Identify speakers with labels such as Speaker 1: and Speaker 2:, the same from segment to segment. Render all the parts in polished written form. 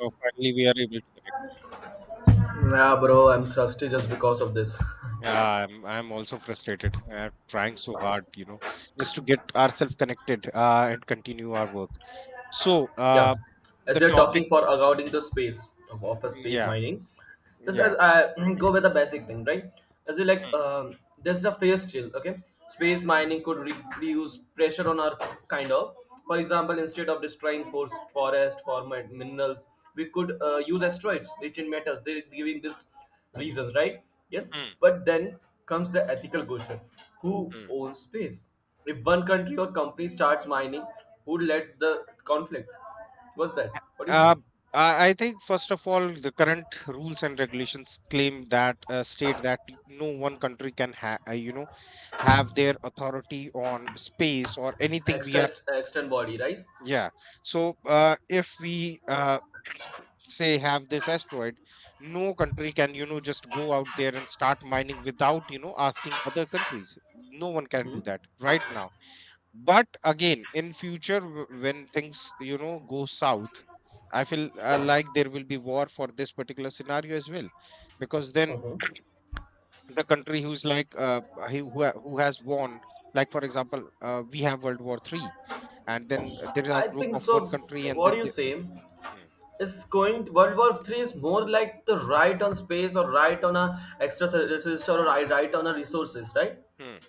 Speaker 1: Oh, finally we are able to connect.
Speaker 2: Yeah, bro, I'm thirsty just because of this.
Speaker 1: Yeah. I'm also frustrated. I'm trying so hard, just to get ourselves connected and continue our work. So, uh,
Speaker 2: Yeah, as
Speaker 1: the
Speaker 2: we are talking
Speaker 1: topic,
Speaker 2: for regarding the space of office space
Speaker 1: yeah,
Speaker 2: mining. Just as
Speaker 1: yeah.
Speaker 2: I go with the basic thing, right? As we like,
Speaker 1: Mm,
Speaker 2: this is a phase chill. Okay, space mining could reduce pressure on Earth, kind of. For example, instead of destroying forest for minerals, we could use asteroids rich in metals. They giving this reasons, right? Yes,
Speaker 1: mm,
Speaker 2: but then comes the ethical question: Who
Speaker 1: mm.
Speaker 2: owns space? If one country or company starts mining, who led the conflict? What's that? What do you say?
Speaker 1: Uh, I think first of all, the current rules and regulations claim that state that no one country can have their authority on space or anything we
Speaker 2: Extra
Speaker 1: are.
Speaker 2: Extend body, right?
Speaker 1: Yeah, so if we say have this asteroid. No country can just go out there and start mining without asking other countries. No one can do
Speaker 2: Mm-hmm.
Speaker 1: that right now. But again in future when things go south, I feel like there will be war for this particular scenario as well, because then
Speaker 2: Uh-huh.
Speaker 1: the country who's who has won. Like for example we have World War 3, and then there is a
Speaker 2: I
Speaker 1: group
Speaker 2: think
Speaker 1: of
Speaker 2: so.
Speaker 1: one country and
Speaker 2: What do
Speaker 1: then
Speaker 2: you
Speaker 1: the...
Speaker 2: say?
Speaker 1: Hmm,
Speaker 2: It's going World War Three is more like the right on space or right on a extra resistor or I right on a resources, right?
Speaker 1: hmm,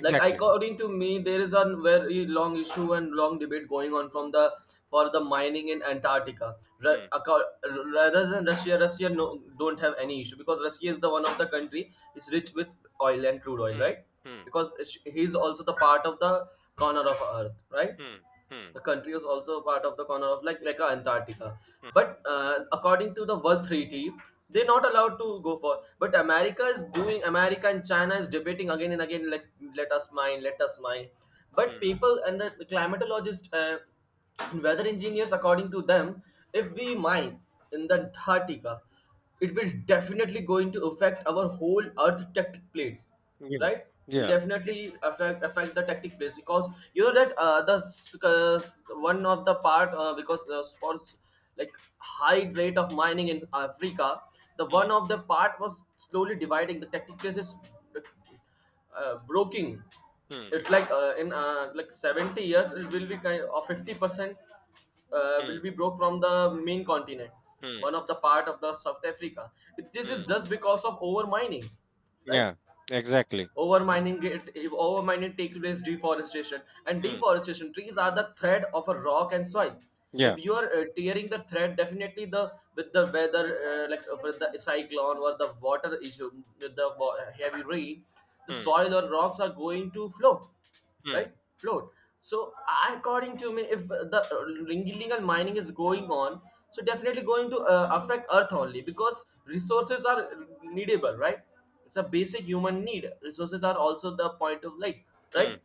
Speaker 2: Like according to me, there is a very long issue and long debate going on from the for the mining in Antarctica. Ra-
Speaker 1: Hmm,
Speaker 2: acco- Rather than Russia, Russia, don't have any issue because Russia is the one of the country is rich with oil and crude oil,
Speaker 1: hmm,
Speaker 2: right?
Speaker 1: hmm.
Speaker 2: Because he is also the part of the corner of Earth, right?
Speaker 1: Mm, mm,
Speaker 2: The country was also part of the corner of like Antarctica.
Speaker 1: mm,
Speaker 2: But according to the World Treaty, they're not allowed to go for. But America is doing. America and China is debating again and again. Let us mine. Let us mine. But
Speaker 1: mm.
Speaker 2: people and the climatologists, weather engineers, according to them, if we mine in the Antarctica, it will definitely going to affect our whole earth tectonic plates,
Speaker 1: Yeah.
Speaker 2: right. It'll
Speaker 1: Yeah.
Speaker 2: definitely affect the tectonic plates because you know that the cause one of the part because for like high rate of mining in africa, the one
Speaker 1: Mm,
Speaker 2: of the part was slowly dividing the tectonic plates is broking.
Speaker 1: mm,
Speaker 2: It's like in like 70 years it will be kind of 50% will
Speaker 1: mm,
Speaker 2: be broke from the main continent,
Speaker 1: mm,
Speaker 2: one of the part of the south africa. This is
Speaker 1: mm.
Speaker 2: just because of over mining, right.
Speaker 1: Yeah. Exactly.
Speaker 2: Overmining it, overmining takes place deforestation, and
Speaker 1: Mm.
Speaker 2: deforestation trees are the thread of a rock and soil.
Speaker 1: Yeah.
Speaker 2: If you are tearing the thread, definitely the with the weather like with the cyclone or the water issue, with the heavy rain, the
Speaker 1: Mm,
Speaker 2: soil or rocks are going to flow,
Speaker 1: mm,
Speaker 2: right, float. So according to me, if the illegal mining is going on, so definitely going to affect earth only because resources are needable, right. It's a basic human need, resources are also the point of life, right.
Speaker 1: mm.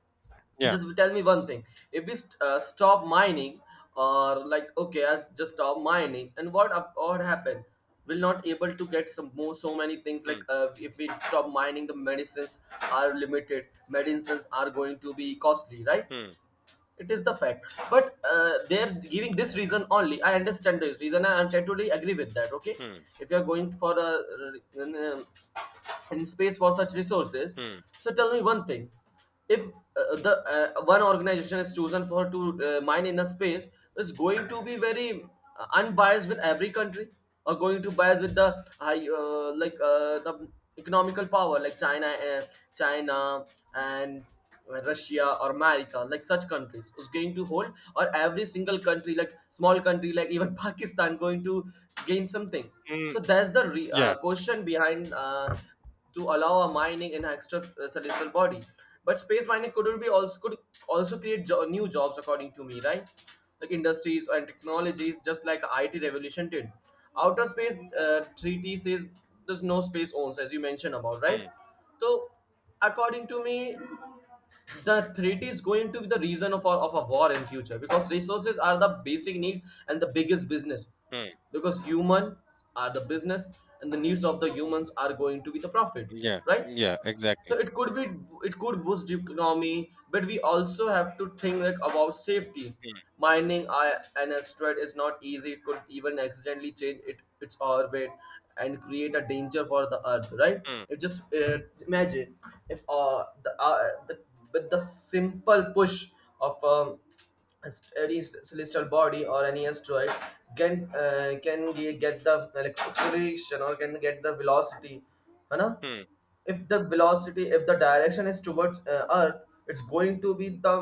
Speaker 1: Yeah.
Speaker 2: Just tell me one thing: if we stop mining, or like okay let just stop mining, and what up what happened, we'll not able to get some more so many things, like
Speaker 1: Mm,
Speaker 2: if we stop mining, the medicines are limited, medicines are going to be costly, right.
Speaker 1: mm,
Speaker 2: It is the fact, but they're giving this reason, only I understand this reason and I totally agree with that. Okay,
Speaker 1: mm,
Speaker 2: if you are going for a uh, in space for such resources.
Speaker 1: mm.
Speaker 2: So tell me one thing: if the one organization is chosen for to mine in a space, is going to be very unbiased with every country, or going to bias with the high like the economical power like China and Russia or America, like such countries, is going to hold, or every single country, like small country, like even Pakistan, going to gain something.
Speaker 1: Mm.
Speaker 2: So that's the
Speaker 1: Yeah.
Speaker 2: question behind to allow a mining in an extraterrestrial body. But space mining could be also could also create new jobs, according to me, right? Like industries and technologies, just like IT revolution did. Outer space treaty says there's no space owns, as you mentioned about, right?
Speaker 1: Mm,
Speaker 2: So, according to me, the threat is going to be the reason of a war in future because resources are the basic need and the biggest business,
Speaker 1: mm.
Speaker 2: because humans are the business and the needs of the humans are going to be the profit,
Speaker 1: Yeah.
Speaker 2: right.
Speaker 1: Yeah.
Speaker 2: So
Speaker 1: Exactly.
Speaker 2: it could be, it could boost the economy, but we also have to think like about safety.
Speaker 1: Mm,
Speaker 2: Mining an asteroid is not easy. It could even accidentally change it, its orbit and create a danger for the Earth. Right?
Speaker 1: mm,
Speaker 2: It just imagine if the with the simple push of celestial body or any asteroid can get the like, acceleration or can get the velocity, है ना.
Speaker 1: mm,
Speaker 2: If the velocity, if the direction is towards earth, it's going to be the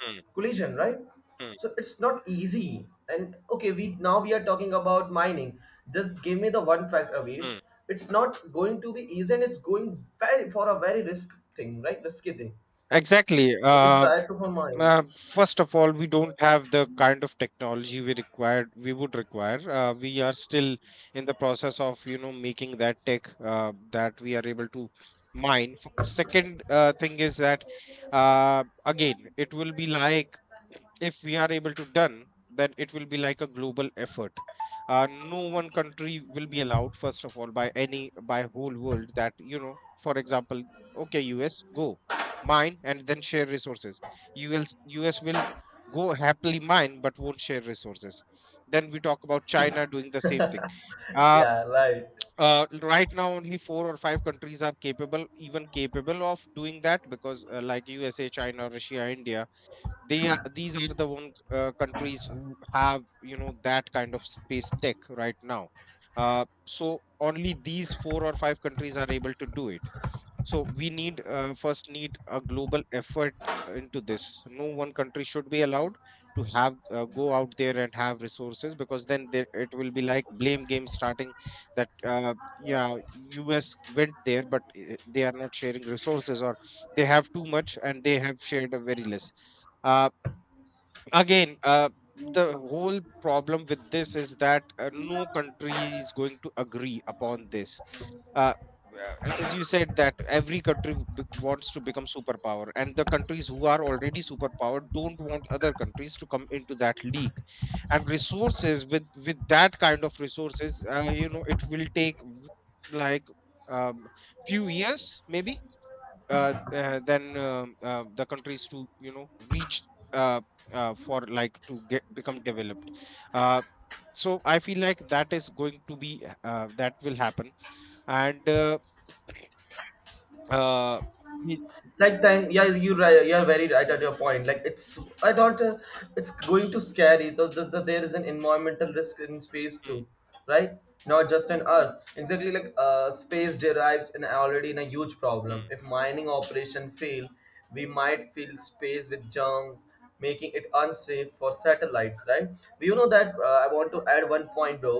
Speaker 1: mm,
Speaker 2: collision, right.
Speaker 1: mm,
Speaker 2: So it's not easy, and okay we now we are talking about mining. Just give me the one fact, avish,
Speaker 1: mm.
Speaker 2: it's not going to be easy, and it's going very for a very risk thing, right, risky thing,
Speaker 1: Exactly.
Speaker 2: if we try to for mine.
Speaker 1: First of all, we don't have the kind of technology we required. We would require. We are still in the process of making that tech that we are able to mine. Second thing is that again, it will be like if we are able to done, then it will be like a global effort. No one country will be allowed, first of all, by whole world that you know. For example, okay, US go mine and then share resources. US will go happily mine but won't share resources. Then we talk about China doing the same thing. Uh,
Speaker 2: Yeah, right,
Speaker 1: right now, only four or five countries are capable, even capable of doing that because, like USA, China, Russia, India. They are These are the one countries who have that kind of space tech right now. So only these four or five countries are able to do it. So we need first need a global effort into this. No one country should be allowed to have go out there and have resources, because then there, it will be like blame game starting that yeah U.S. went there but they are not sharing resources, or they have too much and they have shared a very less. Uh, again The whole problem with this is that no country is going to agree upon this. uh, uh, as you said, that every country wants to become superpower, and the countries who are already superpower don't want other countries to come into that league. And resources with that kind of resources it will take like um, few years maybe, than the countries to reach uh, for like to get become developed. uh, so I feel like that is going to be, that will happen. And uh, we-
Speaker 2: like time, yeah, you're right, you're very right at your point, like it's I don't it's going to scary though. There's, there is an environmental risk in space
Speaker 1: Hmm,
Speaker 2: too, right, not just in earth, exactly. Like space derives in already in a huge problem,
Speaker 1: hmm,
Speaker 2: if mining operation fail, we might fill space with junk, making it unsafe for satellites, right. You know that I want to add one point, bro,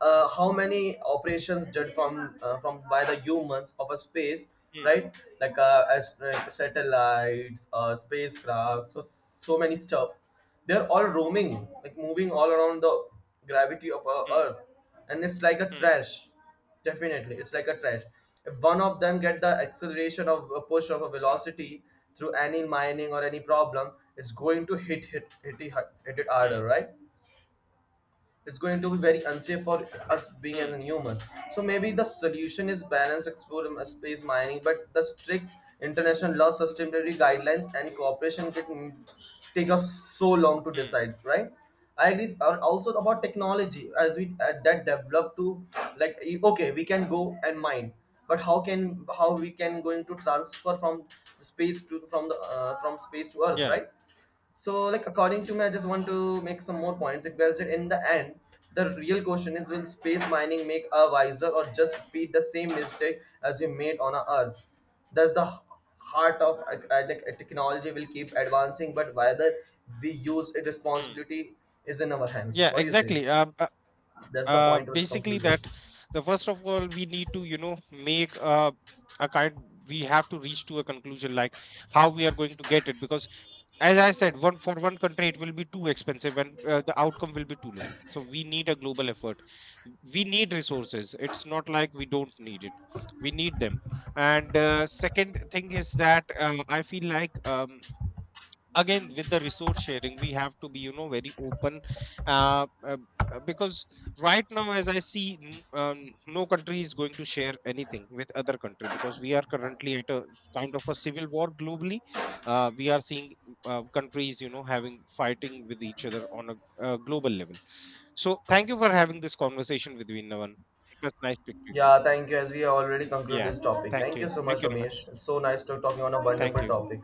Speaker 2: how many operations done from by the humans of a space,
Speaker 1: hmm,
Speaker 2: right? Like as like satellites, spacecraft, so so many stuff. They're all roaming, like moving all around the gravity of our
Speaker 1: hmm,
Speaker 2: Earth, and it's like a
Speaker 1: hmm,
Speaker 2: trash. Definitely, it's like a trash. If one of them get the acceleration of a push of a velocity through any mining or any problem, it's going to hit it
Speaker 1: hmm,
Speaker 2: harder, right? It's going to be very unsafe for us being as a
Speaker 1: hmm,
Speaker 2: human. So maybe the solution is balance explore space mining, but the strict international law, sustainability guidelines, and cooperation can take us so long to
Speaker 1: hmm,
Speaker 2: decide, right? I agree. Also about technology, as we that develop to like okay, we can go and mine, but how can how we can going to transfer from the space to from the from space to Earth,
Speaker 1: yeah,
Speaker 2: right? So, like according to me, I just want to make some more points. Like well said, in the end, the real question is: Will space mining make us wiser, or just repeat the same mistake as we made on our Earth? That's the heart of like technology will keep advancing, but whether we use it
Speaker 1: hmm.
Speaker 2: responsibility is in our hands.
Speaker 1: Yeah,
Speaker 2: What do you say?
Speaker 1: exactly.
Speaker 2: That's the point of the
Speaker 1: Basically
Speaker 2: conclusion.
Speaker 1: that, the first of all, we need to make a kind, we have to reach to a conclusion like how we are going to get it, because as I said, one for one country it will be too expensive and the outcome will be too low. So we need a global effort. We need resources. It's not like we don't need it. We need them. And second thing is that I feel like again with the resource sharing we have to be very open, uh, uh, because right now as I see, no country is going to share anything with other country, because we are currently at a kind of a civil war globally. We are seeing countries having fighting with each other on a global level. So thank you for having this conversation with me, Navan. It was nice speaking to you.
Speaker 2: Yeah, thank you. As we already conclude
Speaker 1: Yeah,
Speaker 2: this topic,
Speaker 1: thank
Speaker 2: thank you
Speaker 1: you.
Speaker 2: so
Speaker 1: Thank
Speaker 2: much,
Speaker 1: you, Naman.
Speaker 2: Ramesh. It's so nice to talking on a
Speaker 1: Thank
Speaker 2: wonderful
Speaker 1: you.
Speaker 2: topic.